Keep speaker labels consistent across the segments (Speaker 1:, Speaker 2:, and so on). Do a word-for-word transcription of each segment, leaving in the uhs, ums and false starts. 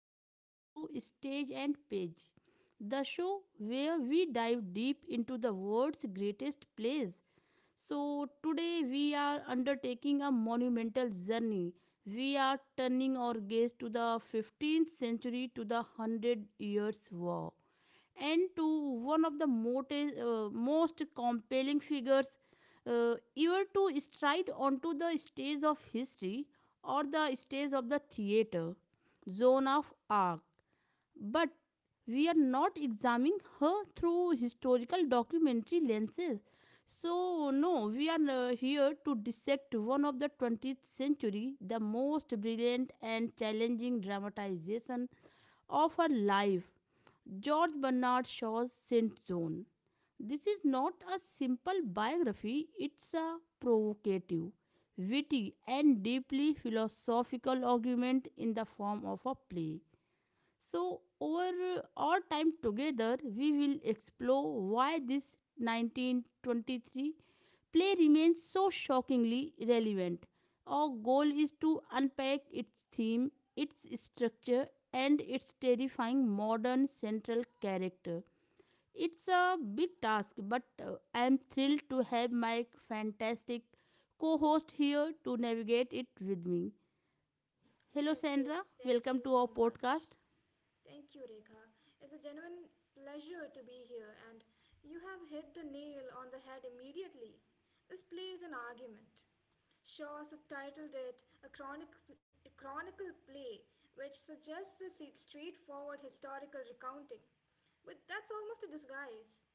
Speaker 1: and welcome to Stage and Page, the show where we dive deep into the world's greatest plays. So, today we are undertaking a monumental journey. We are turning our gaze to the fifteenth century, to the Hundred Years' War, and to one of the moti- uh, most compelling figures uh, ever to stride onto the stage of history or the stage of the theater, zone of arc. But we are not examining her through historical documentary lenses. So, no, we are uh, here to dissect one of the twentieth century, the most brilliant and challenging dramatization of our life. George Bernard Shaw's Saint John. This is not a simple biography, it's a provocative, witty, and deeply philosophical argument in the form of a play. So, over our time together, we will explore why this nineteen twenty-three play remains so shockingly relevant. Our goal is to unpack its theme, its structure, and its terrifying modern central character. It's a big task, but uh, I am thrilled to have my fantastic co host here to navigate it with me. Hello,
Speaker 2: Yes,
Speaker 1: Sandra.
Speaker 2: yes, thank
Speaker 1: Welcome
Speaker 2: you
Speaker 1: to our
Speaker 2: so much.
Speaker 1: podcast.
Speaker 2: Thank you, Rekha. It's a genuine pleasure to be here, and you have hit the nail on the head immediately. This play is an argument. Shaw subtitled it a, chronic, a chronicle play, which suggests a se- straightforward historical recounting. But that's almost a disguise.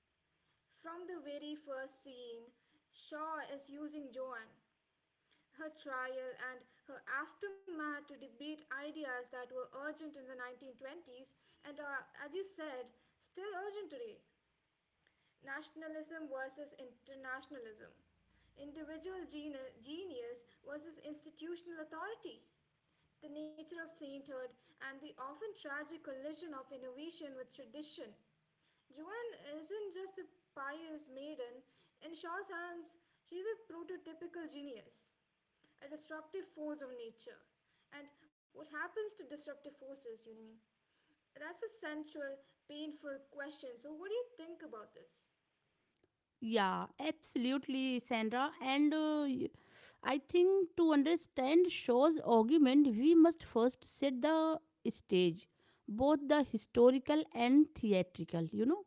Speaker 2: From the very first scene, Shaw is using Joan, her trial and her aftermath to debate ideas that were urgent in the nineteen twenties and are, as you said, still urgent today. Nationalism versus internationalism, individual geni- genius versus institutional authority, the nature of sainthood, and the often tragic collision of innovation with tradition. Joan isn't just a pious maiden, in Shaw's hands, she's a prototypical genius, a disruptive force of nature. And what happens to disruptive forces, you know what I mean? That's a central, painful question. So, what do you think about this?
Speaker 1: Yeah, absolutely, Sandra. And uh, y- I think to understand Shaw's argument, we must first set the stage, both the historical and theatrical, you know.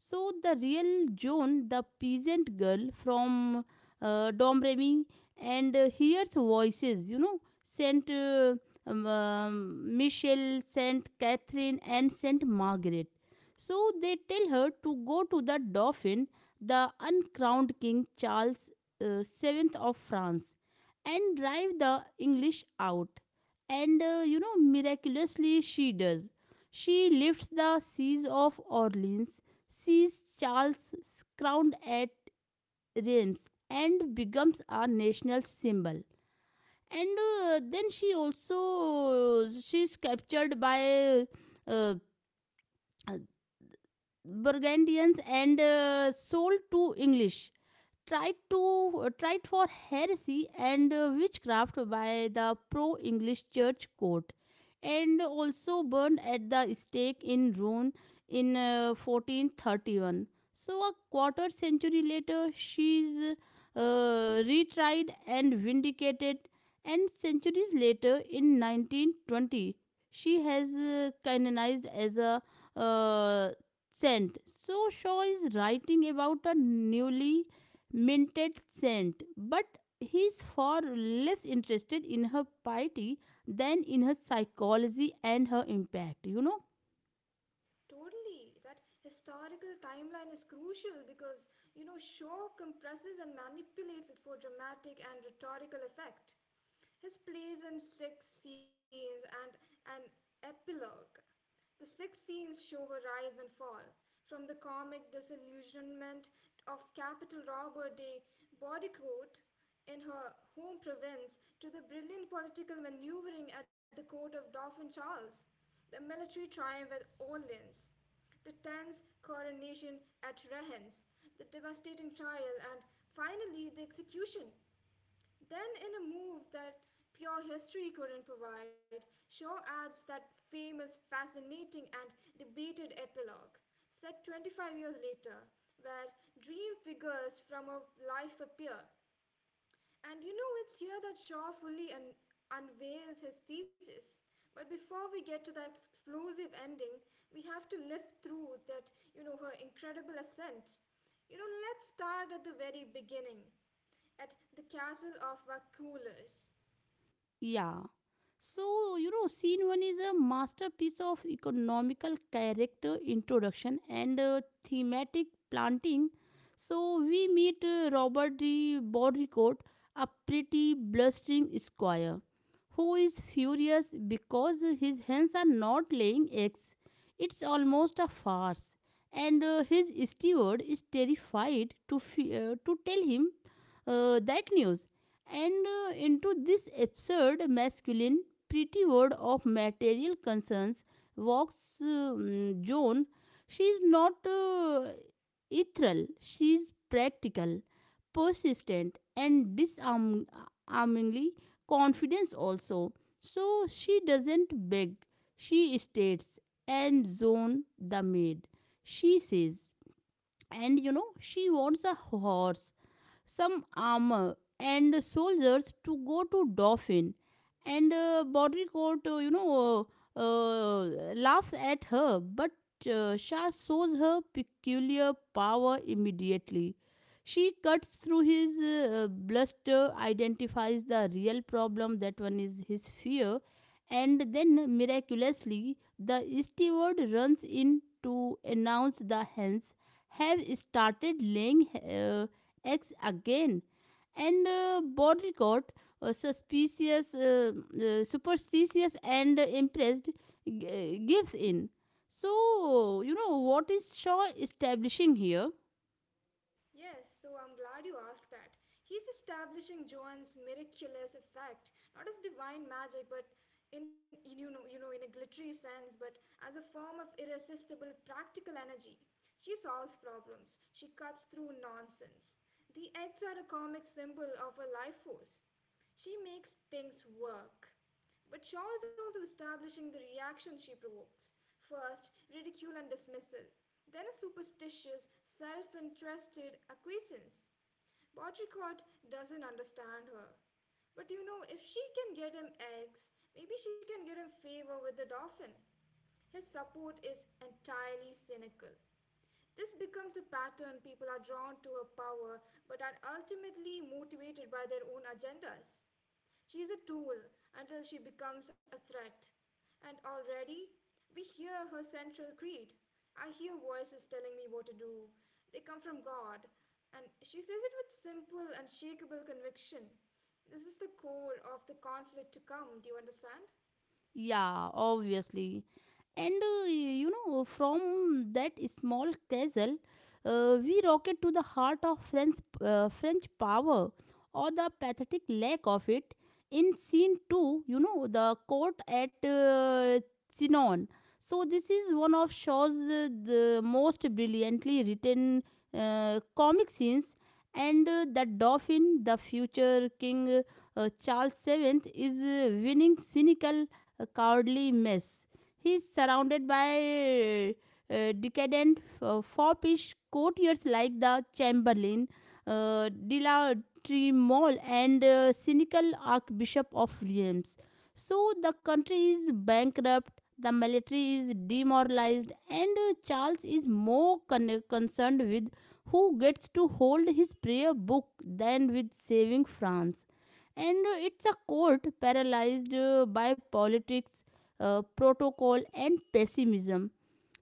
Speaker 1: So, the real Joan, the peasant girl from uh, Domremy, and uh, hears voices, you know, Saint uh, um, um, Michel, Saint Catherine, and Saint Margaret. So, they tell her to go to the Dauphin, the uncrowned King Charles uh, seven of France, and drive the English out. And uh, You know, miraculously, she does. She lifts the siege of Orleans, sees Charles crowned at Reims, and becomes a national symbol. And uh, Then she also she's captured by uh, Burgundians and uh, sold to English, tried to uh, tried for heresy and uh, witchcraft by the pro English church court, and also burned at the stake in Rouen in uh, fourteen thirty-one. So a quarter century later she's uh, retried and vindicated, and centuries later, in nineteen twenty, she has uh, canonized as a uh, saint. So Shaw is writing about a newly minted scent, but he is far less interested in her piety than in her psychology and her impact, you know.
Speaker 2: Totally. That historical timeline is crucial because, you know, Shaw compresses and manipulates it for dramatic and rhetorical effect. His plays in six scenes and an epilogue. The six scenes show her rise and fall, from the comic disillusionment of Capital Robber de Baudicourt in her home province to the brilliant political maneuvering at the court of Dauphin Charles, the military triumph at Orleans, the tense coronation at Rheims, the devastating trial, and finally the execution. Then, in a move that pure history couldn't provide, Shaw adds that famous, fascinating, and debated epilogue, set twenty-five years later, where dream figures from a life appear, and, you know, it's here that Shaw fully un- unveils his thesis. But before we get to that explosive ending, we have to live through, that, you know, her incredible ascent. You know, let's start at the very beginning, at the castle of Vakulas.
Speaker 1: Yeah. So, you know, scene one is a masterpiece of economical character introduction and uh, thematic planting. So, we meet uh, Robert de Baudricourt, a pretty blustering squire, who is furious because his hens are not laying eggs. It's almost a farce. And uh, his steward is terrified to, fe- uh, to tell him uh, that news, and uh, into this absurd masculine pretty word of material concerns walks um, Joan. She is not uh, ethereal, she is practical, persistent, and disarmingly confident. Also. So she doesn't beg, she states, and Joan the maid. She says, and you know, she wants a horse, some armor and soldiers to go to Dauphin. And uh, Baudricourt, uh, you know, uh, uh, laughs at her, but uh, Shah shows her peculiar power immediately. She cuts through his uh, bluster, identifies the real problem that one is his fear, and then miraculously, the steward runs in to announce the hens have started laying uh, eggs again. And uh, Baudricourt, uh, suspicious, uh, uh, superstitious, and impressed, g- uh, gives in. So, you know, what is Shaw establishing here?
Speaker 2: Yes, so I'm glad you asked that. He's establishing Joan's miraculous effect, not as divine magic, but in in- you know you know in a glittery sense, but as a form of irresistible practical energy. She solves problems. She cuts through nonsense. The eggs are a comic symbol of her life force. She makes things work. But Shaw is also establishing the reaction she provokes first, ridicule and dismissal, then a superstitious, self interested acquiescence. Baudricourt doesn't understand her. But you know, if she can get him eggs, maybe she can get him favor with the Dauphin. His support is entirely cynical. This becomes the pattern people are drawn to her power but are ultimately motivated by their own agendas. She is a tool until she becomes a threat. And already, we hear her central creed. I hear voices telling me what to do. They come from God. And she says it with simple, unshakable conviction. This is the core of the conflict to come, do you understand?
Speaker 1: Yeah, obviously. And uh, you know, from that small castle, uh, we rocket to the heart of French, uh, French power, or the pathetic lack of it. In scene two, you know, the court at uh, Chinon. So, this is one of Shaw's uh, the most brilliantly written uh, comic scenes. And uh, the Dauphin, the future King uh, Charles the Seventh, is uh, winning cynical, a cowardly mess. He is surrounded by uh, decadent uh, foppish courtiers like the Chamberlain, uh, de la Tremole, and uh, cynical Archbishop of Reims. So the country is bankrupt, the military is demoralized, and uh, Charles is more con- concerned with who gets to hold his prayer book than with saving France, and uh, it's a court paralyzed uh, by politics, uh, protocol, and pessimism.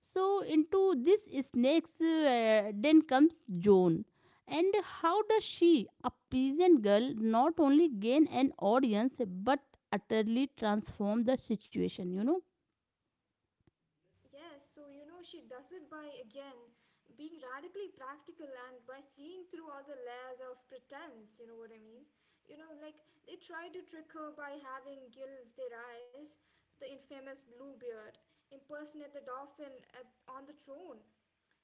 Speaker 1: So, into this snake's uh, den comes Joan. And how does she, a peasant girl, not only gain an audience but utterly transform the situation, you know?
Speaker 2: Yes, so, you know, she does it by again being radically practical and by seeing through all the layers of pretense, you know what I mean? You know, like they try to trick her by having gills their eyes, the infamous Bluebeard, impersonate the dolphin at, on the throne.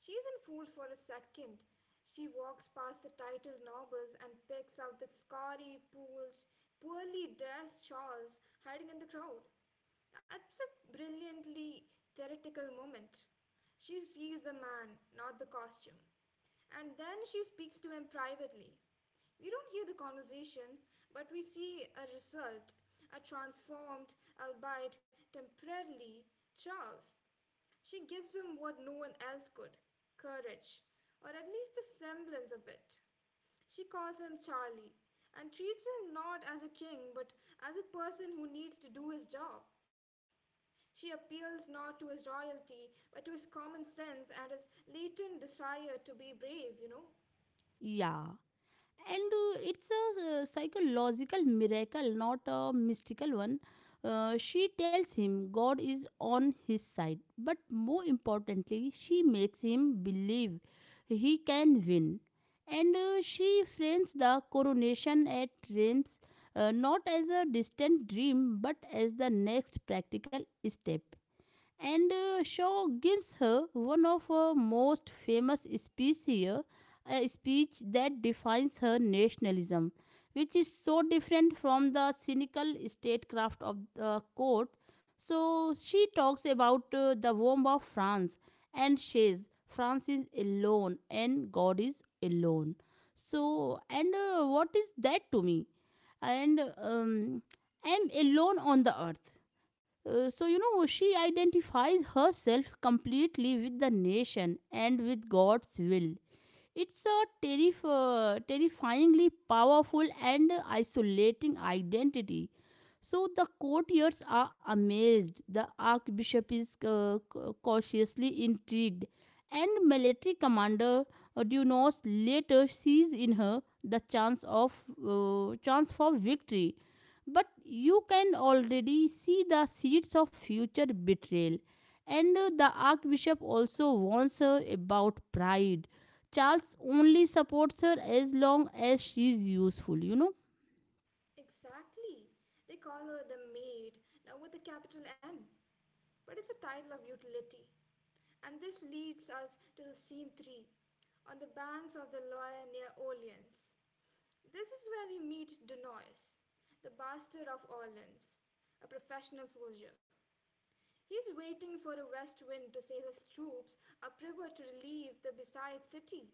Speaker 2: She isn't fooled for a second. She walks past the title nobles and picks out the scary, pooled, poorly dressed shawls hiding in the crowd. That's a brilliantly theoretical moment. She sees the man, not the costume. And then she speaks to him privately. We don't hear the conversation, but we see a result, a transformed, albeit temporarily, Charles. She gives him what no one else could, courage, or at least the semblance of it. She calls him Charlie and treats him not as a king but as a person who needs to do his job. She appeals not to his royalty, but to his common sense and his latent desire to be brave, you know?
Speaker 1: Yeah. And uh, it's a uh, psychological miracle, not a mystical one. Uh, she tells him god is on his side, but more importantly she makes him believe he can win. And uh, she frames the coronation at reims, uh, not as a distant dream but as the next practical step. And uh, Shaw gives her one of her most famous speeches here, a speech that defines her nationalism, which is so different from the cynical statecraft of the court. So she talks about uh, the womb of France and says, France is alone and God is alone. So, and uh, what is that to me? And um, am alone on the earth. Uh, so you know she identifies herself completely with the nation and with god's will. It's a terrif- uh, terrifyingly powerful and isolating identity. So the courtiers are amazed, the archbishop is uh, ca- cautiously intrigued, and military commander uh, Dunos later sees in her the chance of uh, chance for victory. But you can already see the seeds of future betrayal, and uh, the archbishop also warns her about pride. Charles only supports her as long as she's useful, you know?
Speaker 2: Exactly. They call her the maid, now with a capital M, but it's a title of utility. And this leads us to the scene three, on the banks of the Loire near Orleans. This is where we meet Dunois, the bastard of Orleans, a professional soldier. He's waiting for a west wind to sail his troops upriver to relieve the besieged city.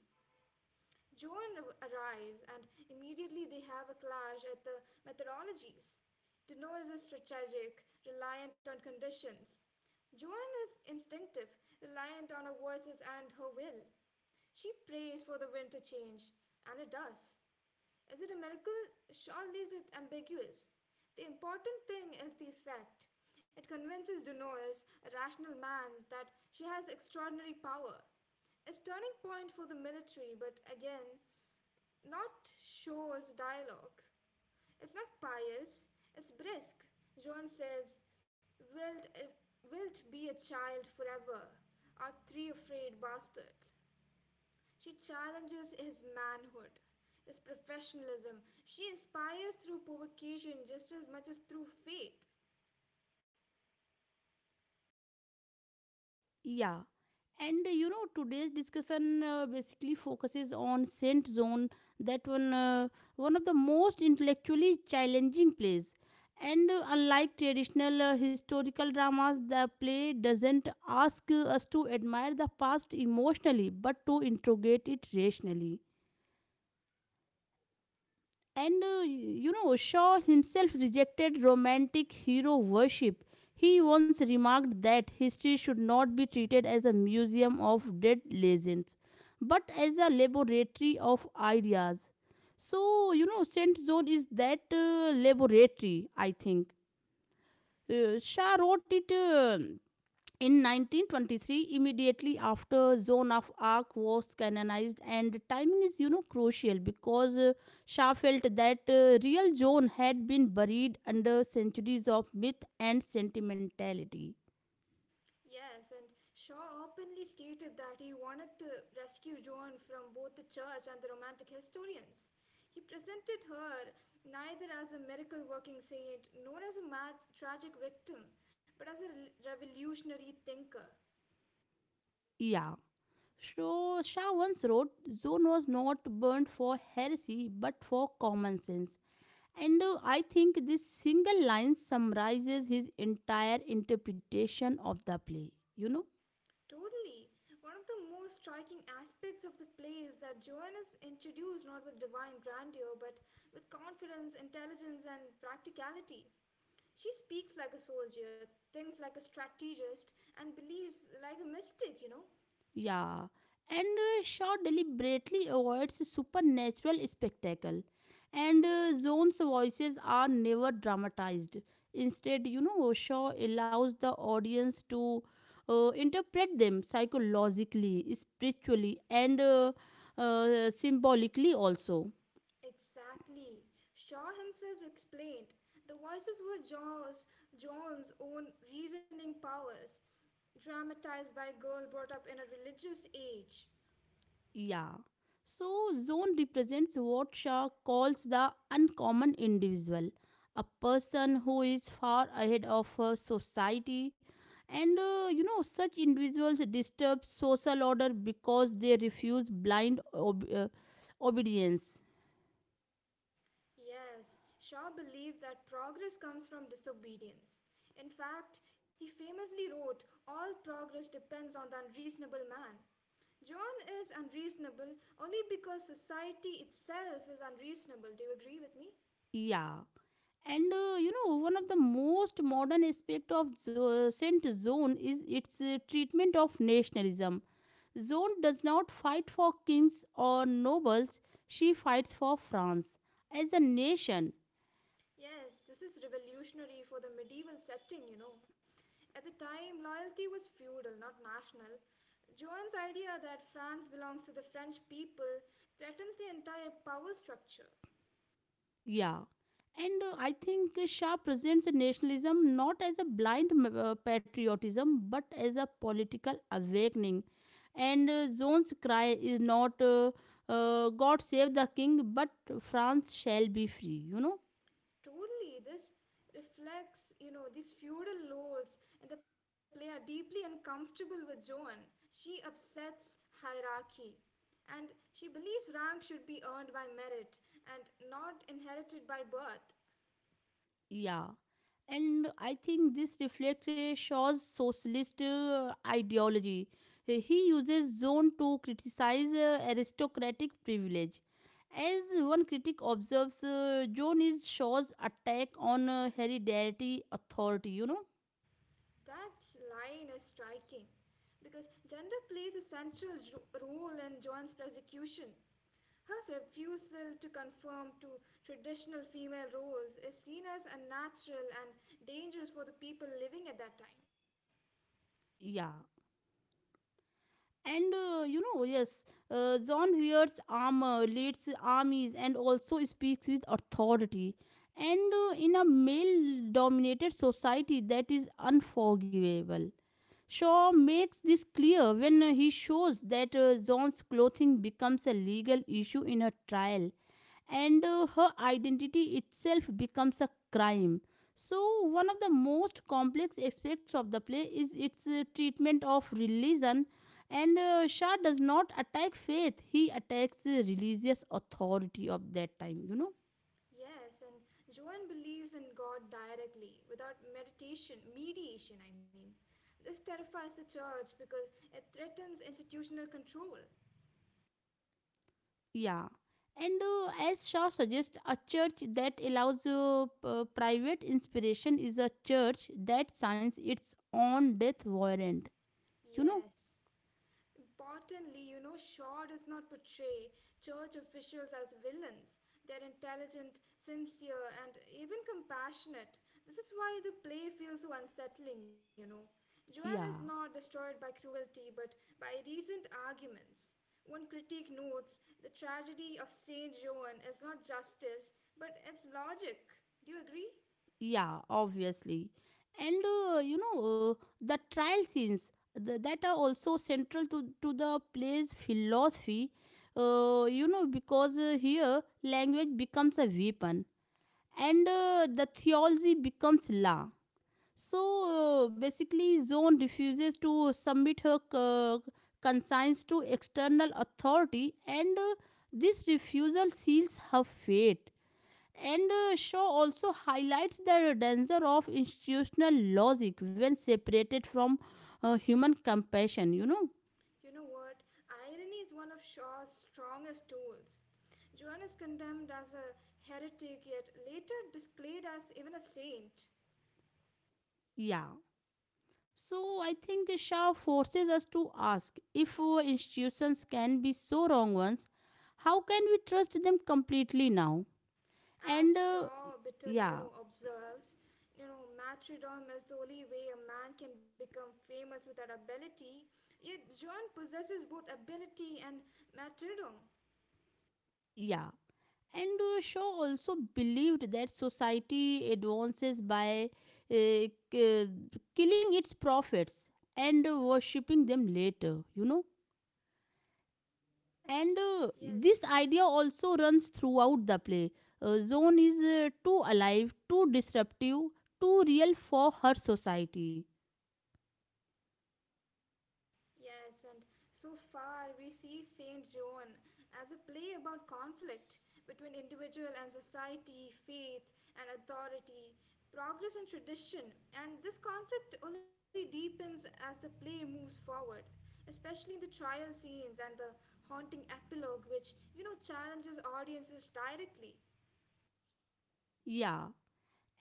Speaker 2: Joan arrives, and immediately they have a clash at the methodologies. Dino is strategic, reliant on conditions. Joan is instinctive, reliant on her voices and her will. She prays for the wind to change, and it does. Is it a miracle? Sean leaves it ambiguous. The important thing is the effect. It convinces Dunois, a rational man, that she has extraordinary power. It's turning point for the military, but again, not Shaw's dialogue. It's not pious, it's brisk. Joan says, Wilt, wilt be a child forever, our three afraid bastards. She challenges his manhood, his professionalism. She inspires through provocation just as much as through faith.
Speaker 1: Yeah. And uh, you know, today's discussion uh, basically focuses on Saint Zone, that one, uh, one of the most intellectually challenging plays. And uh, unlike traditional uh, historical dramas, the play doesn't ask uh, us to admire the past emotionally, but to interrogate it rationally. And uh, you know, Shaw himself rejected romantic hero worship. He once remarked that history should not be treated as a museum of dead legends, but as a laboratory of ideas. So, you know, Saint Zone is that uh, laboratory, I think. Uh, Shah wrote it. Um in nineteen twenty-three, immediately after Zone of Arc was canonized, and timing is you know crucial, because uh, Shah felt that uh, real Zone had been buried under centuries of myth and sentimentality.
Speaker 2: Yes, and Shaw openly stated that he wanted to rescue Joan from both the church and the romantic historians. He presented her neither as a miracle working saint nor as a tragic victim, but as a revolutionary thinker.
Speaker 1: Yeah. So Shah once wrote, "Zone was not burned for heresy, but for common sense." And uh, I think this single line summarizes his entire interpretation of the play, you know.
Speaker 2: Totally. One of the most striking aspects of the play is that Joan is introduced not with divine grandeur, but with confidence, intelligence, and practicality. She speaks like a soldier, thinks like a strategist, and believes like a mystic, you know?
Speaker 1: Yeah, and uh, Shaw deliberately avoids supernatural spectacle, and uh, Zone's voices are never dramatized. Instead, you know, Shaw allows the audience to uh, interpret them psychologically, spiritually, and uh, uh, symbolically also.
Speaker 2: Exactly. Shaw himself explained the voices were John's, John's own reasoning powers, dramatized by a girl brought up in a religious age.
Speaker 1: Yeah. So, zone represents what Shaw calls the uncommon individual, a person who is far ahead of uh, society. And uh, you know, such individuals disturb social order because they refuse blind ob- uh, obedience.
Speaker 2: Yes, Shaw believed that progress comes from disobedience. In fact, he famously wrote, All progress depends on the unreasonable man. John is unreasonable only because society itself is unreasonable. Do you agree with me?
Speaker 1: Yeah. And uh, you know, one of the most modern aspect of zo- uh, Saint Zone is its uh, treatment of nationalism. Zone does not fight for kings or nobles; she fights for France as a nation.
Speaker 2: Yes, this is revolutionary for the medieval setting, you know. At the time, loyalty was feudal, not national. Joan's idea that France belongs to the French people threatens the entire power structure.
Speaker 1: Yeah, and uh, I think uh, Shah presents nationalism not as a blind m- uh, patriotism, but as a political awakening. And uh, Zone's cry is not uh, uh, "God save the king," but "France shall be free," you know.
Speaker 2: Totally, this reflects, you know, these feudal lords and the player deeply uncomfortable with Joan. She upsets hierarchy. And she believes rank should be earned by merit and not inherited by birth.
Speaker 1: Yeah. And I think this reflects uh, Shaw's socialist uh, ideology. Uh, He uses zone to criticize uh, aristocratic privilege. As one critic observes, uh, zone is Shaw's attack on uh, hereditary authority, you know?
Speaker 2: That line is striking because gender plays a central jo- role in Joan's persecution. Her refusal to conform to traditional female roles is seen as unnatural and dangerous for the people living at that time.
Speaker 1: Yeah. And uh, you know, yes, uh, John wears armor, leads armies, and also speaks with authority. And uh, in a male dominated society, that is unforgivable. Shaw makes this clear when he shows that uh, John's clothing becomes a legal issue in her trial, and uh, her identity itself becomes a crime. So, one of the most complex aspects of the play is its uh, treatment of religion, and uh, Shah does not attack faith, he attacks the religious authority of that time, you know.
Speaker 2: Yes, and Joan believes in God directly, without meditation, mediation, I mean. This terrifies the church because it threatens institutional control.
Speaker 1: Yeah. And uh, as Shaw suggests, a church that allows uh, p- uh, private inspiration is a church that signs its own death warrant. You know?
Speaker 2: Yes. Importantly, you know, Shaw does not portray church officials as villains. They're intelligent, sincere, and even compassionate. This is why the play feels so unsettling, you know. Joanne is not
Speaker 1: Yeah.
Speaker 2: destroyed by cruelty, but by recent arguments. One critique notes the tragedy of Saint Joan is not justice, but it's logic. Do you agree?
Speaker 1: Yeah, obviously. And, uh, you know, uh, the trial scenes the, that are also central to, to the play's philosophy, uh, you know, because uh, here language becomes a weapon, and uh, the theology becomes law. So uh, basically, Zone refuses to submit her uh, consigns to external authority, and uh, this refusal seals her fate. And uh, Shaw also highlights the danger of institutional logic when separated from uh, human compassion, you know?
Speaker 2: You know what? Irony is one of Shaw's strongest tools. Joan is condemned as a heretic, yet later displayed as even a saint.
Speaker 1: Yeah. So I think Shaw forces us to ask, if uh, institutions can be so wrong once, how can we trust them completely now? And
Speaker 2: As
Speaker 1: uh,
Speaker 2: Shaw bitterly, you
Speaker 1: Yeah,
Speaker 2: know, observes, you know, martyrdom is the only way a man can become famous without ability. Yet Joan possesses both ability and martyrdom.
Speaker 1: yeah. And uh, Shaw also believed that society advances by uh, k- killing its prophets and worshipping them later, you know.
Speaker 2: Yes,
Speaker 1: And uh,
Speaker 2: yes.
Speaker 1: this idea also runs throughout the play. Uh, Zone is uh, too alive, too disruptive, too real for her society.
Speaker 2: Yes, and so far we see Saint Joan as a play about conflict between individual and society, faith and authority, progress and tradition, and this conflict only deepens as the play moves forward, especially in the trial scenes and the haunting epilogue, which, you know, challenges audiences directly.
Speaker 1: Yeah,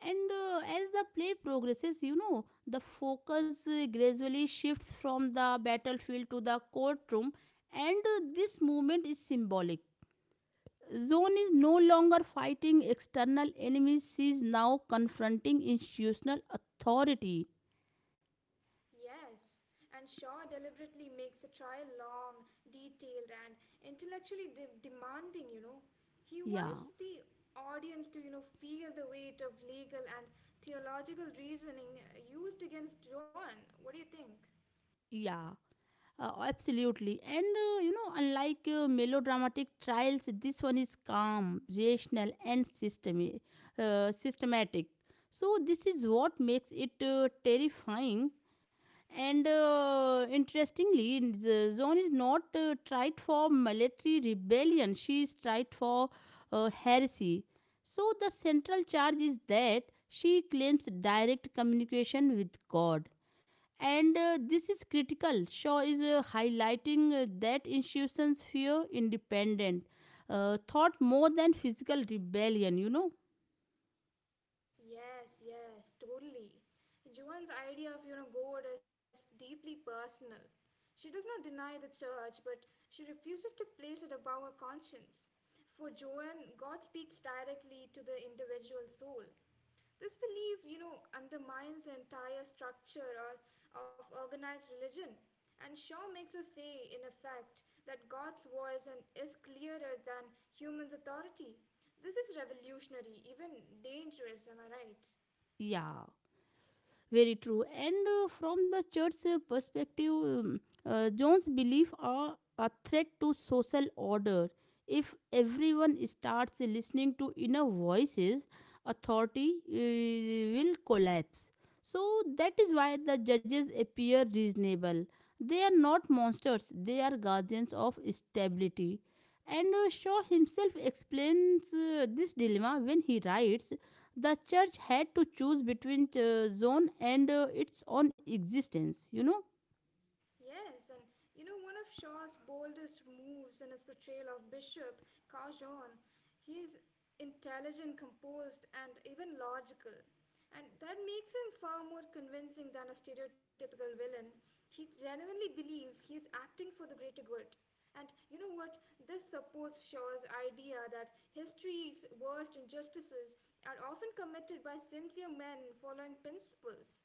Speaker 1: and uh, as the play progresses, you know, the focus uh, gradually shifts from the battlefield to the courtroom, and uh, this movement is symbolic. Zone is no longer fighting external enemies; she is now confronting institutional authority.
Speaker 2: Yes, and Shaw deliberately makes the trial long, detailed, and intellectually de- demanding, you know. He
Speaker 1: Yeah,
Speaker 2: wants the audience to, you know, feel the weight of legal and theological reasoning uh, used against John. What do you think?
Speaker 1: yeah. Uh, absolutely. And uh, you know, unlike uh, melodramatic trials, this one is calm, rational, and systemi- uh, systematic. So, this is what makes it uh, terrifying. And uh, interestingly, in the Zone is not uh, tried for military rebellion, she is tried for uh, heresy. So, the central charge is that she claims direct communication with God, and uh, this is critical. Shaw is uh, highlighting uh, that institutions fear independent uh, thought more than physical rebellion, you know.
Speaker 2: Yes, yes, totally. Juan's idea of, you know, God is deeply personal. She does not deny the church, but she refuses to place it above her conscience. For Joan, God speaks directly to the individual soul. This belief, you know, undermines the entire structure or, of organized religion, and Shaw makes us say, in effect, that God's voice and is clearer than human's authority. This is revolutionary, even dangerous, am I right?
Speaker 1: Yeah, very true. And uh, from the church uh, perspective, um, uh, John's belief are a threat to social order. If everyone starts listening to inner voices, authority uh, will collapse. So that is why the judges appear reasonable. They are not monsters; they are guardians of stability. And uh, Shaw himself explains uh, this dilemma when he writes, the church had to choose between uh, Zone and uh, its own existence, you know.
Speaker 2: Yes, and, you know, one of Shaw's boldest moves in his portrayal of Bishop Carjon, he's intelligent, composed, and even logical. And that makes him far more convincing than a stereotypical villain. He genuinely believes he is acting for the greater good. And you know what? This supports Shaw's idea that history's worst injustices are often committed by sincere men following principles.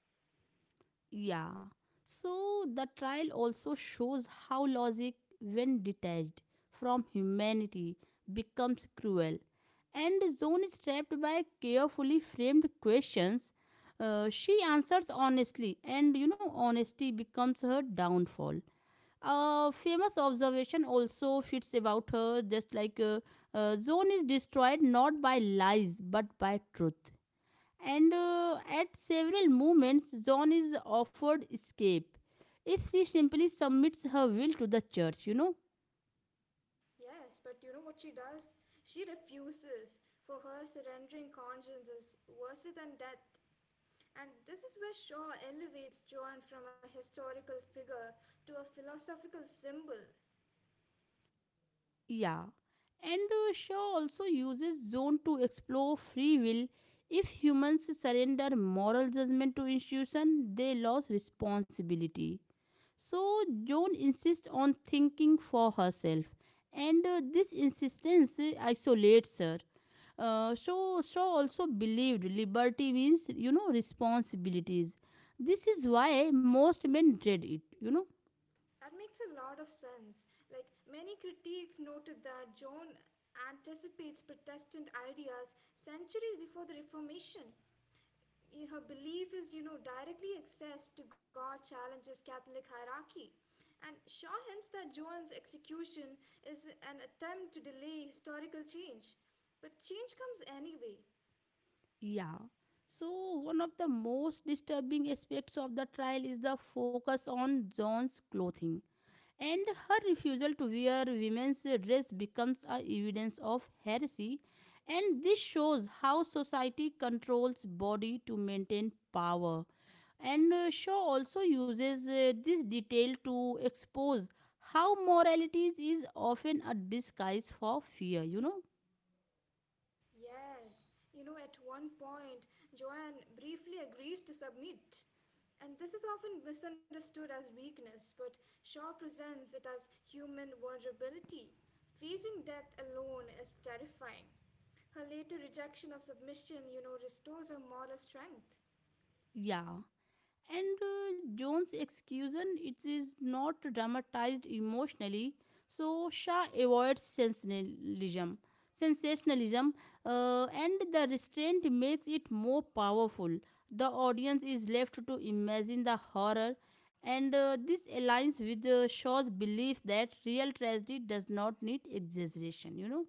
Speaker 1: Yeah. So the trial also shows how logic, when detached from humanity, becomes cruel. And Zone is trapped by carefully framed questions. Uh, she answers honestly, and you know, honesty becomes her downfall. A famous observation also fits about her, just like uh, uh, Zone is destroyed not by lies but by truth. And uh, at several moments, John is offered escape if she simply submits her will to the church, you know.
Speaker 2: Yes, but you know what she does? She refuses. For her, surrendering conscience is worse than death. And this is where Shaw elevates Joan from a historical figure to a philosophical symbol.
Speaker 1: Yeah. And uh, Shaw also uses Zone to explore free will. If humans surrender moral judgment to institution, they lose responsibility. So Joan insists on thinking for herself, and uh, this insistence uh, isolates her. Uh, so Shaw also believed liberty means, you know, responsibilities. This is why most men dread it, you know.
Speaker 2: That makes a lot of sense. Like, many critiques noted that Joan anticipates Protestant ideas centuries before the Reformation. I- her belief is, you know, directly access to God challenges Catholic hierarchy. And Shaw hints that Joan's execution is an attempt to delay historical change. But change comes anyway.
Speaker 1: Yeah. So one of the most disturbing aspects of the trial is the focus on John's clothing, and her refusal to wear women's dress becomes a evidence of heresy. And this shows how society controls body to maintain power. And uh, Shaw also uses uh, this detail to expose how morality is often a disguise for fear, you know.
Speaker 2: Yes, you know, at one point, Joanne briefly agrees to submit. And this is often misunderstood as weakness, but Shaw presents it as human vulnerability. Facing death alone is terrifying. Her later rejection of submission, you know, restores her moral strength.
Speaker 1: Yeah. And uh, John's excusation, it is not dramatized emotionally, so Shah avoids sensationalism. Sensationalism uh, and the restraint makes it more powerful. The audience is left to imagine the horror, and uh, this aligns with uh, Shaw's belief that real tragedy does not need exaggeration, you know.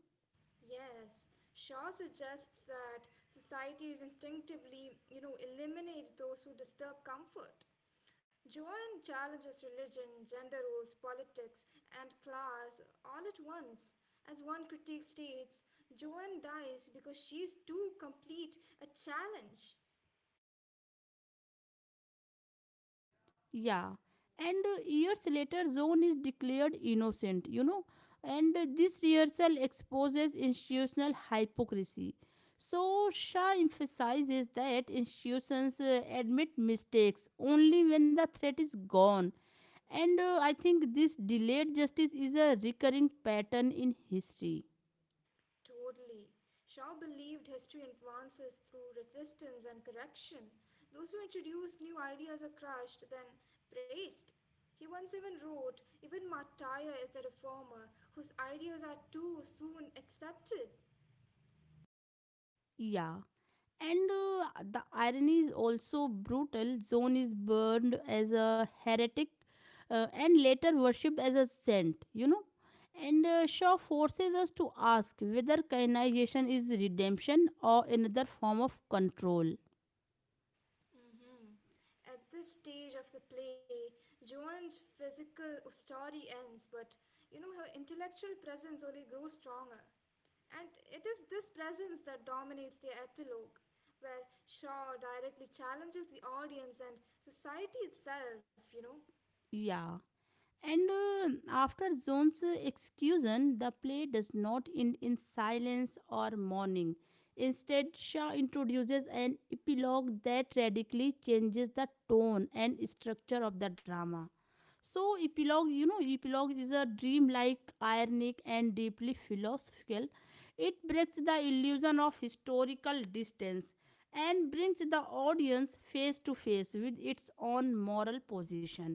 Speaker 2: Yes, Shaw suggests that societies instinctively, you know, eliminate those who disturb comfort. Joanne challenges religion, gender roles, politics, and class all at once. As one critique states, Joanne dies because she's too complete a challenge.
Speaker 1: Yeah, and uh, years later, Zone is declared innocent, you know, and uh, this rehearsal exposes institutional hypocrisy. So, Shah emphasizes that institutions uh, admit mistakes only when the threat is gone, and uh, I think this delayed justice is a recurring pattern in history.
Speaker 2: Totally. Shaw believed history advances through resistance and correction. Those who introduce new ideas are crushed, then praised. He once even wrote, even Martyr is a reformer whose ideas are too soon accepted.
Speaker 1: Yeah. And uh, the irony is also brutal. Zone is burned as a heretic uh, and later worshipped as a saint, you know. And uh, Shaw forces us to ask whether canonization is redemption or another form of control.
Speaker 2: Hmm. At this stage of the play, Joan's physical story ends, but you know, her intellectual presence only grows stronger. And it is this presence that dominates the epilogue, where Shaw directly challenges the audience and society itself, you know.
Speaker 1: Yeah. And uh, after Zone's exclusion, the play does not end in silence or mourning. Instead, Shaw introduces an epilogue that radically changes the tone and structure of the drama. So, epilogue, you know, epilogue is a dreamlike, ironic, and deeply philosophical. It breaks the illusion of historical distance and brings the audience face to face with its own moral position.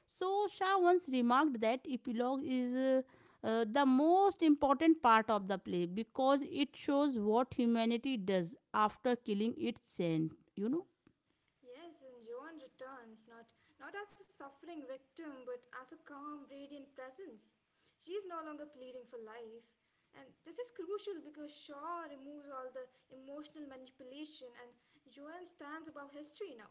Speaker 1: So, Shah once remarked that epilogue is uh, uh, the most important part of the play because it shows what humanity does after killing its saint, you know.
Speaker 2: Yes, and Joan returns, not, not as a suffering victim, but as a calm, radiant presence. She is no longer pleading for life. And this is crucial because Shaw removes all the emotional manipulation, and Joan stands above history now.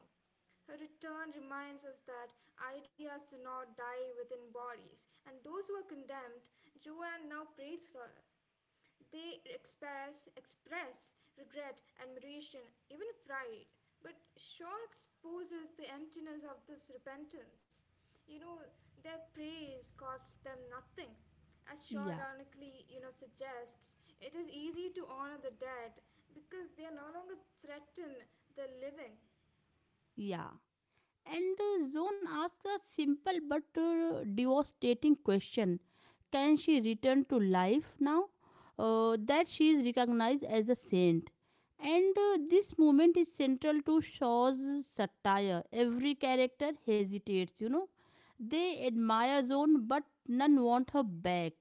Speaker 2: Her return reminds us that ideas do not die within bodies, and those who are condemned, Joanne now prays for, they express, express regret, admiration, even pride. But Shaw exposes the emptiness of this repentance. You know, their praise costs them nothing. As Shaw
Speaker 1: Yeah,
Speaker 2: ironically, you know, suggests, it is easy to honor the dead because they are no longer threaten the living.
Speaker 1: yeah. And uh, Zone asks a simple but uh, devastating question. Can she return to life now uh, that she is recognized as a saint? And uh, this moment is central to Shaw's satire. Every character hesitates, you know. They admire Zone, but none want her back.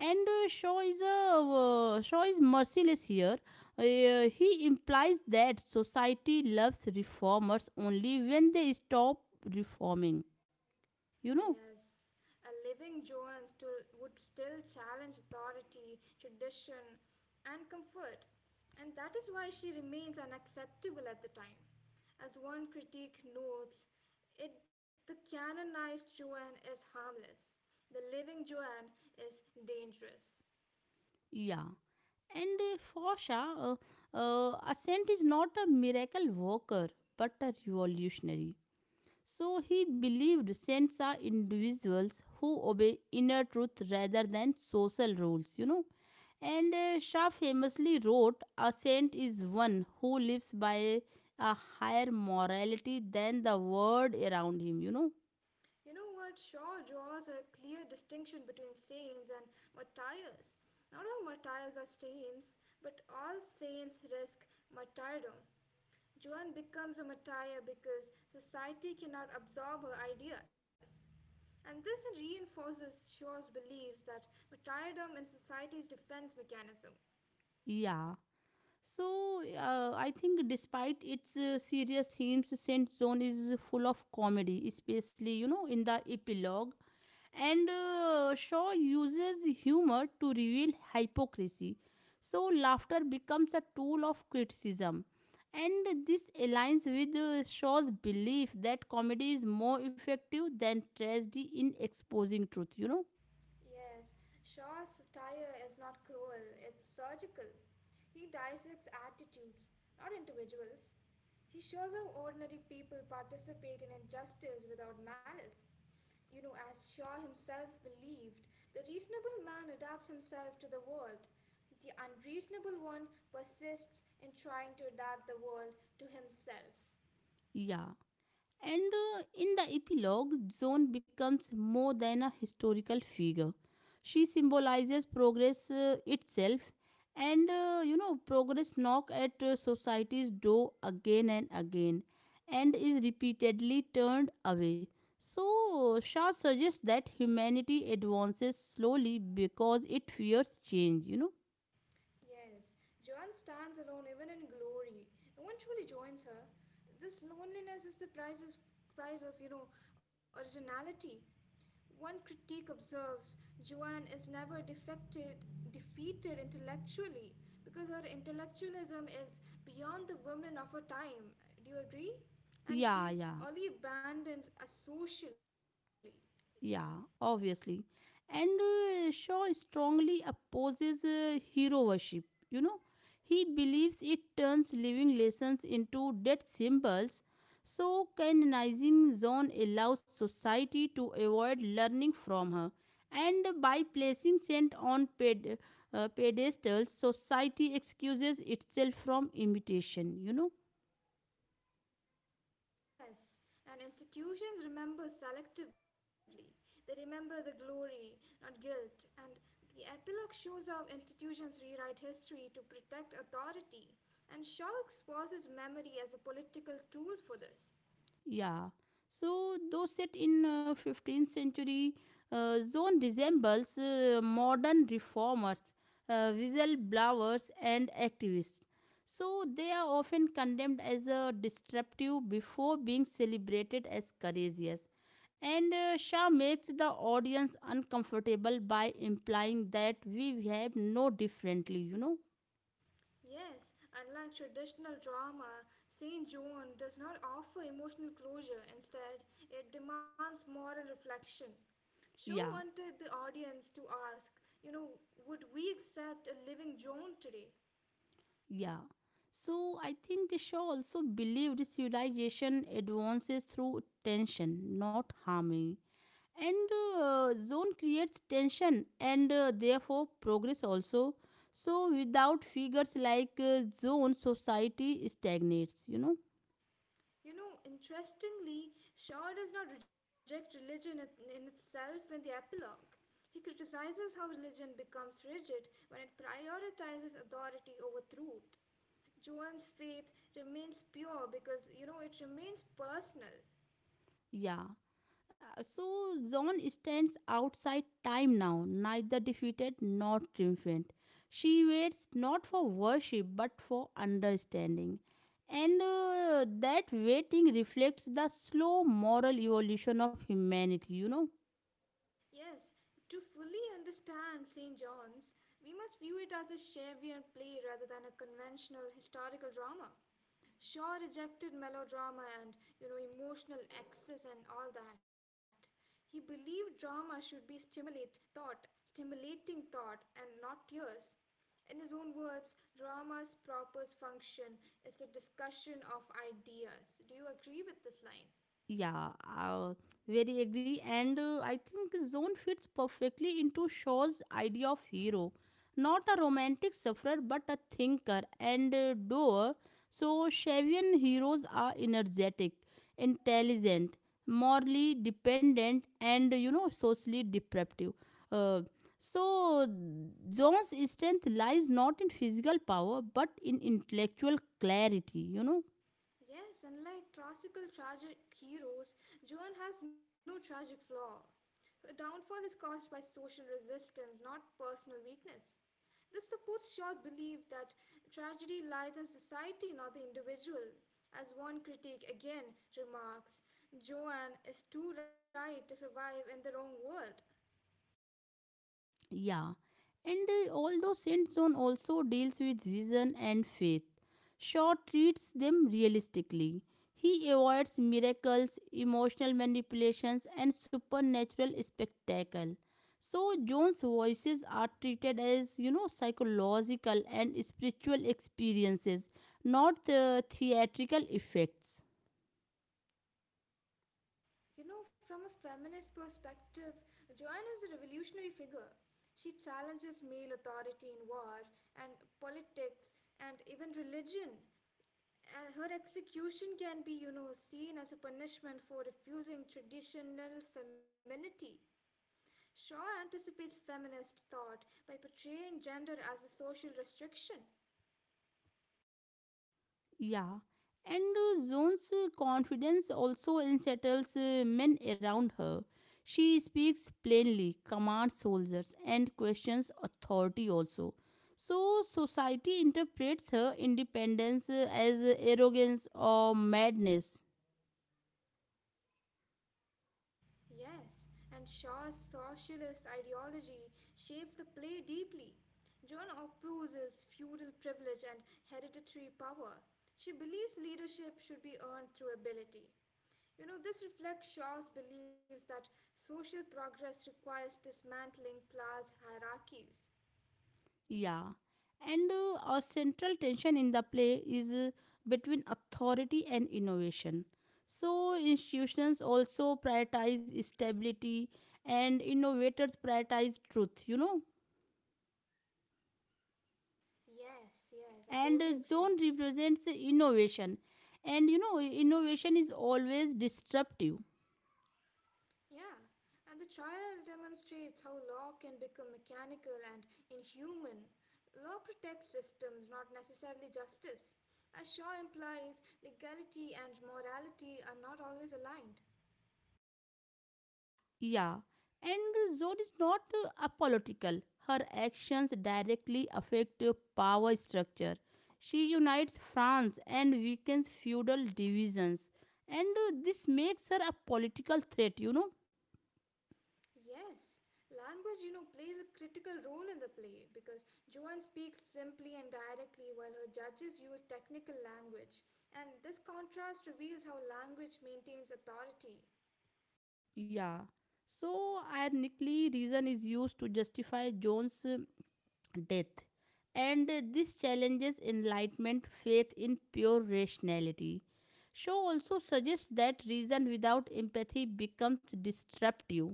Speaker 1: And uh, Shaw is a uh, Shaw is merciless here. Uh, he implies that society loves reformers only when they stop reforming, you know.
Speaker 2: Yes, a living Joan still, would still challenge authority, tradition, and comfort, and that is why she remains unacceptable at the time. As one critique notes, it, the canonized Joan is harmless, the living Joan is dangerous.
Speaker 1: Yeah. And uh, Fosha, uh, uh, Ascent is not a miracle worker but a revolutionary. So he believed saints are individuals who obey inner truth rather than social rules, you know. And uh, Shah famously wrote, a saint is one who lives by a higher morality than the world around him, you know.
Speaker 2: You know what? Shaw draws a clear distinction between saints and martyrs. Not all martyrs are saints, but all saints risk martyrdom. Joan becomes a martyr because society cannot absorb her ideas. And this reinforces Shaw's beliefs that martyrdom in society's defense mechanism.
Speaker 1: Yeah. So, uh, I think despite its uh, serious themes, Saint Zone is full of comedy, especially, you know, in the epilogue. And uh, Shaw uses humor to reveal hypocrisy. So, laughter becomes a tool of criticism. And this aligns with uh, Shaw's belief that comedy is more effective than tragedy in exposing truth, you know.
Speaker 2: Yes, Shaw's satire is not cruel, it's surgical. He dissects attitudes, not individuals. He shows how ordinary people participate in injustice without malice. You know, as Shaw himself believed, the reasonable man adapts himself to the world. The unreasonable one persists in trying to adapt the world to himself.
Speaker 1: Yeah. And uh, in the epilogue, Joan becomes more than a historical figure. She symbolizes progress uh, itself, and uh, you know, progress knock at uh, society's door again and again, and is repeatedly turned away. So, Shah suggests that humanity advances slowly because it fears change, you know.
Speaker 2: Yes, Joanne stands alone even in glory. No one truly joins her. This loneliness is the price of, price of you know, originality. One critique observes Joanne is never defected, defeated intellectually because her intellectualism is beyond the women of her time. Do you agree? And
Speaker 1: Yeah,
Speaker 2: she's
Speaker 1: yeah.
Speaker 2: only abandoned uh, socially.
Speaker 1: Yeah, obviously. And uh, Shaw strongly opposes uh, hero worship. You know, he believes it turns living lessons into dead symbols. So, canonizing Zon allows society to avoid learning from her. And by placing saint on ped- uh, pedestals, society excuses itself from imitation, you know.
Speaker 2: Yes, and institutions remember selectively. They remember the glory, not guilt. And the epilogue shows how institutions rewrite history to protect authority. And Shaw exposes memory as a political tool for this.
Speaker 1: Yeah. So those set in uh, fifteenth century, uh, Zone resembles uh, modern reformers, uh, whistleblowers, and activists. So they are often condemned as a disruptive before being celebrated as courageous. And uh, Shah makes the audience uncomfortable by implying that we have no differently, you know.
Speaker 2: Yes, unlike traditional drama, Saint John does not offer emotional closure. Instead, it demands moral reflection. Shaw
Speaker 1: Yeah.
Speaker 2: wanted the audience to ask, you know, would we accept a living John today?
Speaker 1: Yeah. So I think Shaw also believed civilization advances through tension, not harmony. And uh, Zone creates tension and uh, therefore progress also. So without figures like uh, Zone, society stagnates, you know.
Speaker 2: You know, interestingly, Shaw does not reject religion it- in itself in the epilogue. He criticizes how religion becomes rigid when it prioritizes authority over truth. Joan's faith remains pure because, you know, it remains personal.
Speaker 1: Yeah. Uh, So John stands outside time now, neither defeated nor triumphant. She waits not for worship but for understanding. And uh, that waiting reflects the slow moral evolution of humanity, you know.
Speaker 2: Yes, to fully understand Saint John's, we must view it as a Shakespearean play rather than a conventional historical drama. Shaw rejected melodrama and you know emotional excess and all that. He believed drama should be stimulate thought, stimulating thought and not tears. In his own words, drama's proper function is the discussion of ideas. Do you agree with this line?
Speaker 1: Yeah, uh, very agree. And uh, I think Zone fits perfectly into Shaw's idea of hero. Not a romantic sufferer, but a thinker and uh, doer. So, Shavian heroes are energetic, intelligent, morally dependent, and you know, socially depraved. Uh, so, Zone's strength lies not in physical power, but in intellectual clarity, you know.
Speaker 2: Yes, unlike classical tragic heroes, Joan has no tragic flaw. Her downfall is caused by social resistance, not personal weakness. This supports Shaw's belief that tragedy lies in society, not the individual. As one critic again remarks, Joan is too right to survive in the wrong world.
Speaker 1: Yeah, and uh, although Saint John also deals with vision and faith, Shaw treats them realistically. He avoids miracles, emotional manipulations, and supernatural spectacle. So John's voices are treated as, you know, psychological and spiritual experiences, not uh, theatrical effects.
Speaker 2: You know, from a feminist perspective, Joanne is a revolutionary figure. She challenges male authority in war and politics and even religion. And her execution can be, you know, seen as a punishment for refusing traditional femininity. Shaw anticipates feminist thought by portraying gender as a social restriction.
Speaker 1: Yeah, and uh, Zone's uh, confidence also unsettles uh, men around her. She speaks plainly, commands soldiers, and questions authority also. So, society interprets her independence uh, as arrogance or madness.
Speaker 2: Yes, and Shaw's socialist ideology shapes the play deeply. Joan opposes feudal privilege and hereditary power. She believes leadership should be earned through ability. You know, this reflects Shaw's belief that social progress requires dismantling class hierarchies.
Speaker 1: Yeah, and uh, our central tension in the play is uh, between authority and innovation. So, institutions also prioritize stability, and innovators prioritize truth, you know.
Speaker 2: Yes, yes, I
Speaker 1: And
Speaker 2: totally
Speaker 1: uh,
Speaker 2: agree.
Speaker 1: Zone represents innovation, and you know, innovation is always disruptive.
Speaker 2: Yeah, and the trial demonstrates how law can become mechanical and inhuman. Law protects systems, not necessarily justice. As Shaw implies, legality and morality are not always aligned.
Speaker 1: Yeah, and Zoe is not uh, apolitical. Her actions directly affect uh, power structure. She unites France and weakens feudal divisions, and uh, this makes her a political threat, you know.
Speaker 2: Yes, language, you know, plays a critical role in the play because Joanne speaks simply and directly while her judges use technical language. And this contrast reveals how language maintains authority.
Speaker 1: Yeah. So, ironically, reason is used to justify Jones' uh, death. And uh, this challenges enlightenment faith in pure rationality. Shaw also suggests that reason without empathy becomes disruptive.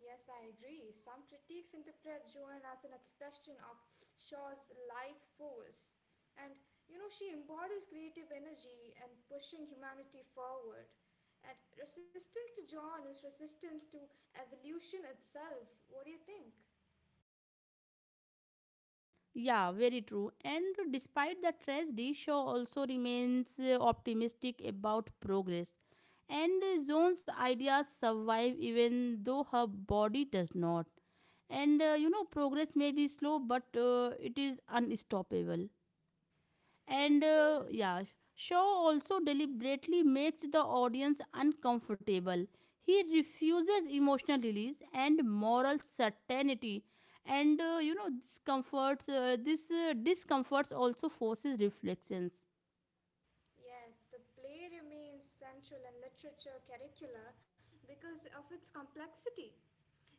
Speaker 2: Yes, I agree. Some critics interpret Joan as an expression of Shaw's life force. And you know, she embodies creative energy and pushing humanity forward. And resistance to John is resistance to evolution itself. What do you think?
Speaker 1: Yeah, very true. And despite the tragedy, Shaw also remains uh, optimistic about progress. And uh, Zone's ideas survive even though her body does not. And uh, you know, progress may be slow, but uh, it is unstoppable. and
Speaker 2: Yes,
Speaker 1: uh,
Speaker 2: totally.
Speaker 1: yeah Shaw also deliberately makes the audience uncomfortable. He refuses emotional release and moral certainty. And uh, you know, discomforts uh, this uh, discomforts also forces reflections.
Speaker 2: Yes, the play remains central in literature curricula because of its complexity.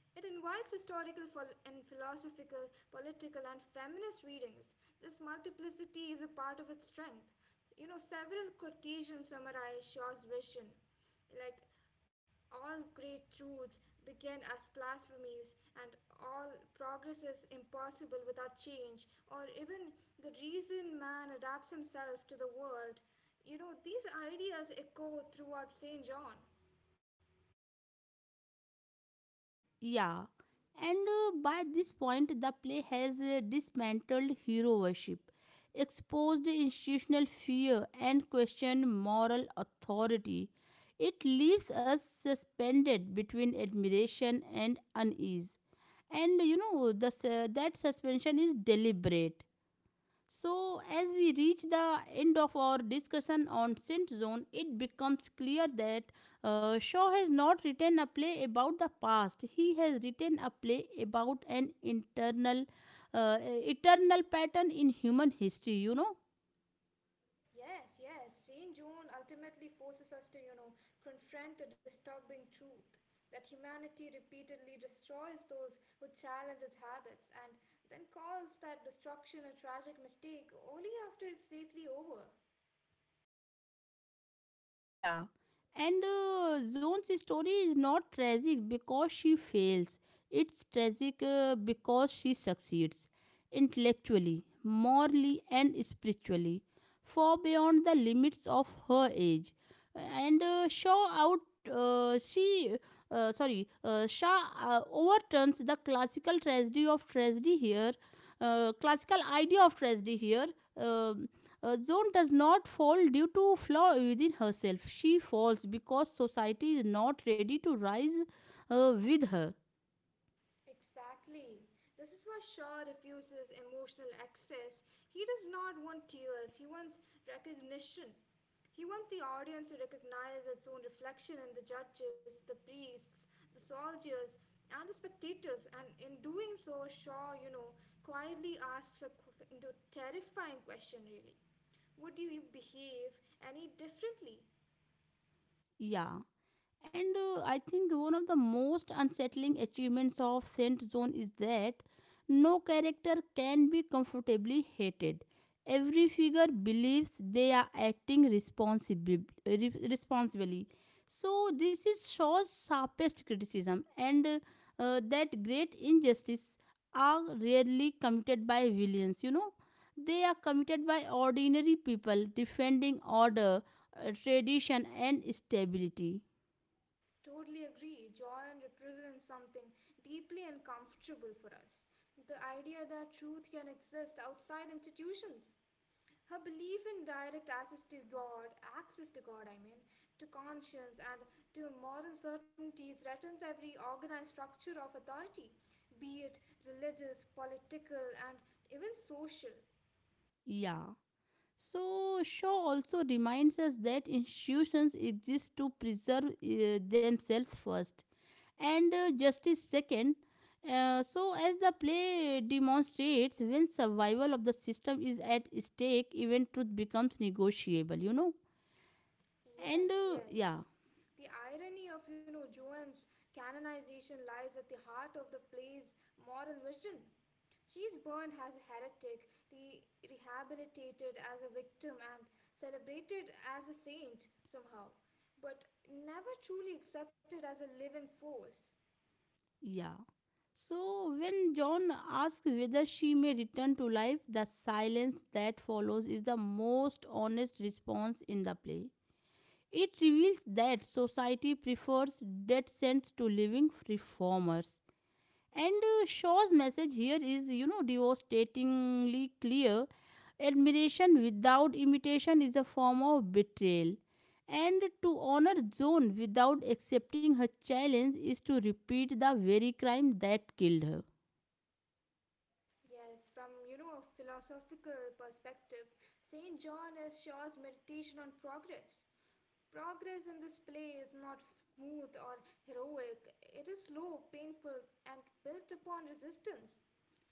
Speaker 2: It invites historical and philosophical, political, and feminist readings. This multiplicity is a part of its strength. You know, several quotations summarize Shaw's vision, like all great truths begin as blasphemies and all progress is impossible without change or even the reason man adapts himself to the world. You know these ideas echo throughout St. John.
Speaker 1: Yeah, and uh, by this point, the play has uh, dismantled hero worship, exposed institutional fear, and questioned moral authority. It leaves us suspended between admiration and unease. And you know, the, su- that suspension is deliberate. So, as we reach the end of our discussion on Saint Zone, it becomes clear that uh, Shaw has not written a play about the past. He has written a play about an internal, uh, eternal pattern in human history, you know.
Speaker 2: Yes, yes. Jane Joan ultimately forces us to, you know, confront a disturbing truth that humanity repeatedly destroys those who challenge its habits and then calls that destruction a tragic mistake only after it's safely over.
Speaker 1: Yeah, and uh, Zone's story is not tragic because she fails. It's tragic uh, because she succeeds intellectually, morally, and spiritually, far beyond the limits of her age. And uh, Shaw out, uh, she, uh, sorry, uh, Shaw uh, overturns the classical tragedy of tragedy here, uh, classical idea of tragedy here. um uh, Joan does not fall due to flaw within herself. She falls because society is not ready to rise uh, with her.
Speaker 2: Exactly. This is why Shaw refuses emotional access. He does not want tears, he wants recognition. He wants the audience to recognize its own reflection in the judges, the priests, the soldiers, and the spectators. And in doing so, Shaw, you know, quietly asks a qu- you know, terrifying question really. Would you behave any differently?
Speaker 1: Yeah. And uh, I think one of the most unsettling achievements of Saint Zone is that no character can be comfortably hated. Every figure believes they are acting responsibly. Responsibly. So this is Shaw's sharpest criticism, and uh, uh, that great injustice are rarely committed by villains. You know, they are committed by ordinary people defending order, uh, tradition, and stability.
Speaker 2: Totally agree. Joy represents something deeply uncomfortable for us, the idea that truth can exist outside institutions. Her belief in direct access to God, access to God, I mean, to conscience and to moral certainty threatens every organized structure of authority, be it religious, political, and even social.
Speaker 1: Yeah. So, Shaw also reminds us that institutions exist to preserve uh, themselves first and uh, justice second. Uh, so, as the play demonstrates, when survival of the system is at stake, even truth becomes negotiable, you know. And
Speaker 2: Yes,
Speaker 1: uh,
Speaker 2: yes.
Speaker 1: yeah,
Speaker 2: The irony of, you know, Joan's canonization lies at the heart of the play's moral vision. She is burned as a heretic, re- rehabilitated as a victim, and celebrated as a saint somehow, but never truly accepted as a living force.
Speaker 1: yeah. So, when John asks whether she may return to life, the silence that follows is the most honest response in the play. It reveals that society prefers death sense to living reformers. And uh, Shaw's message here is, you know, devastatingly clear. Admiration without imitation is a form of betrayal. And to honor Joan without accepting her challenge is to repeat the very crime that killed her.
Speaker 2: Yes, from you know a philosophical perspective, Saint John is Shaw's meditation on progress. Progress in this play is not smooth or heroic, it is slow, painful, and built upon resistance.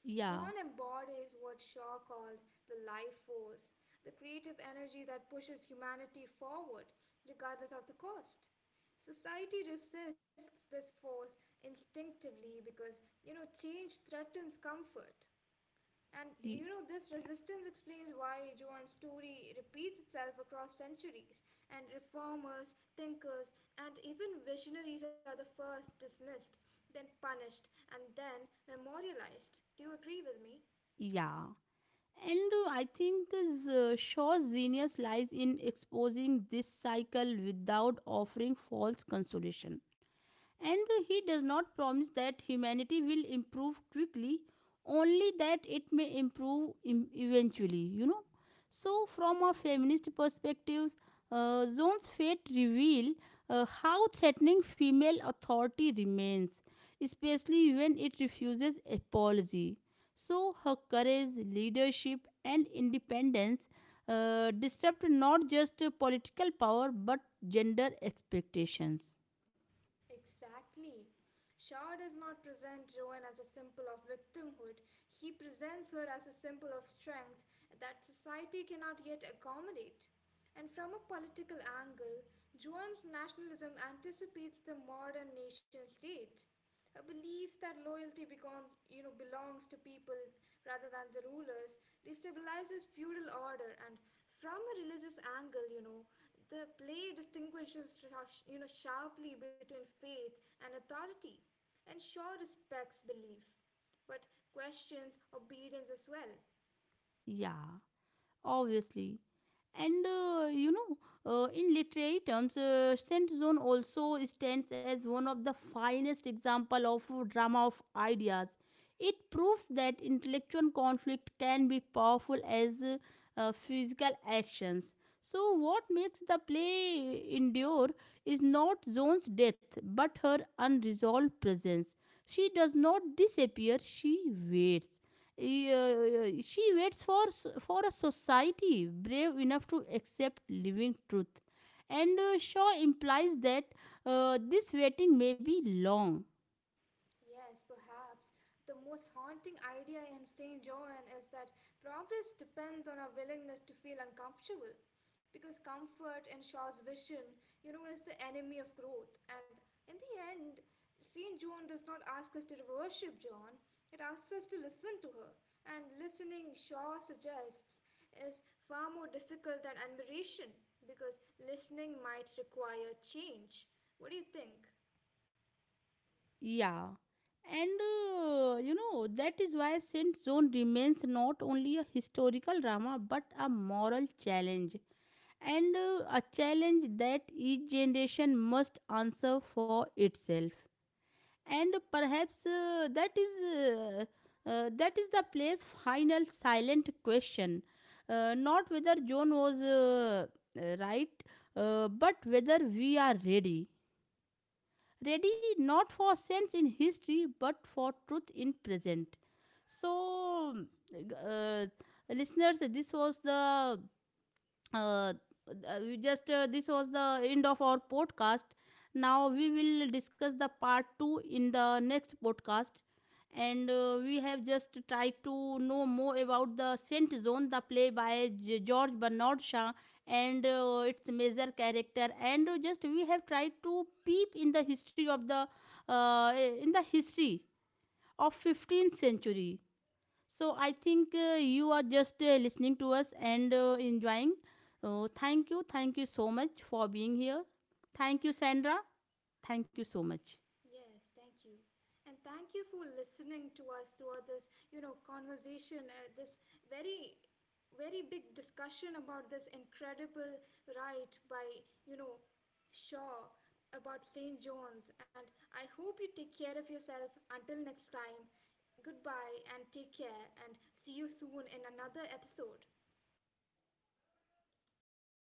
Speaker 1: Yeah.
Speaker 2: John embodies what Shaw called the life force, the creative energy that pushes humanity forward, regardless of the cost. Society resists this force instinctively because, you know, change threatens comfort. And
Speaker 1: y-
Speaker 2: you know, this resistance explains why Joan's story repeats itself across centuries, and reformers, thinkers, and even visionaries are the first dismissed, then punished, and then memorialized. Do you agree with me?
Speaker 1: Yeah. And uh, I think uh, Shaw's genius lies in exposing this cycle without offering false consolation. And he does not promise that humanity will improve quickly, only that it may improve em- eventually, you know. So, from a feminist perspective, uh, Zone's fate reveal uh, how threatening female authority remains, especially when it refuses apology. So, her courage, leadership, and independence uh, disrupt not just political power but gender expectations.
Speaker 2: Exactly. Shaw does not present Joan as a symbol of victimhood, he presents her as a symbol of strength that society cannot yet accommodate. And from a political angle, Joan's nationalism anticipates the modern nation state. A belief that loyalty becomes, you know, belongs to people rather than the rulers destabilizes feudal order and from a religious angle, you know, the play distinguishes, sh- you know, sharply between faith and authority and sure respects belief but questions obedience as well.
Speaker 1: Yeah, obviously. And uh, you know, uh, in literary terms, uh, scent zone also stands as one of the finest example of drama of ideas. It proves that intellectual conflict can be powerful as uh, uh, physical actions. So, what makes the play endure is not Joan's death, but her unresolved presence. She does not disappear; she waits. Y- uh, she waits for s- for a society brave enough to accept living truth. And uh, Shaw implies that uh, this waiting may be long.
Speaker 2: Yes, perhaps. The most haunting idea in Saint John is that progress depends on our willingness to feel uncomfortable. Because comfort and Shaw's vision, you know, is the enemy of growth. And in the end, Saint John does not ask us to worship John, it asks us to listen to her. And listening, Shaw suggests, is far more difficult than admiration because listening might require change. What do you think?
Speaker 1: Yeah, and uh, you know, that is why Saint Zone remains not only a historical drama but a moral challenge, and uh, a challenge that each generation must answer for itself. And perhaps uh, that is uh, uh, that is the play's final silent question. Uh, not whether John was uh, uh, right, uh, but whether we are ready. Ready not for sense in history but for truth in present. So, uh, listeners, this was the uh, uh, we just uh, this was the end of our podcast. Now we will discuss the part two in the next podcast. And uh, we have just tried to know more about the scent zone, the play by G- George Bernard Shaw, and uh, its major character, and just we have tried to peep in the history of the uh, in the history of fifteenth century. So I think uh, you are just uh, listening to us and uh, enjoying. Oh, thank you. Thank you so much for being here. Thank you, Sandra. Thank you so much.
Speaker 2: Yes, thank you. And thank you for listening to us throughout this, you know, conversation, uh, this very, very big discussion about this incredible write by, you know, Shaw about Saint John's. And I hope you take care of yourself until next time. Goodbye and take care, and see you soon in another episode.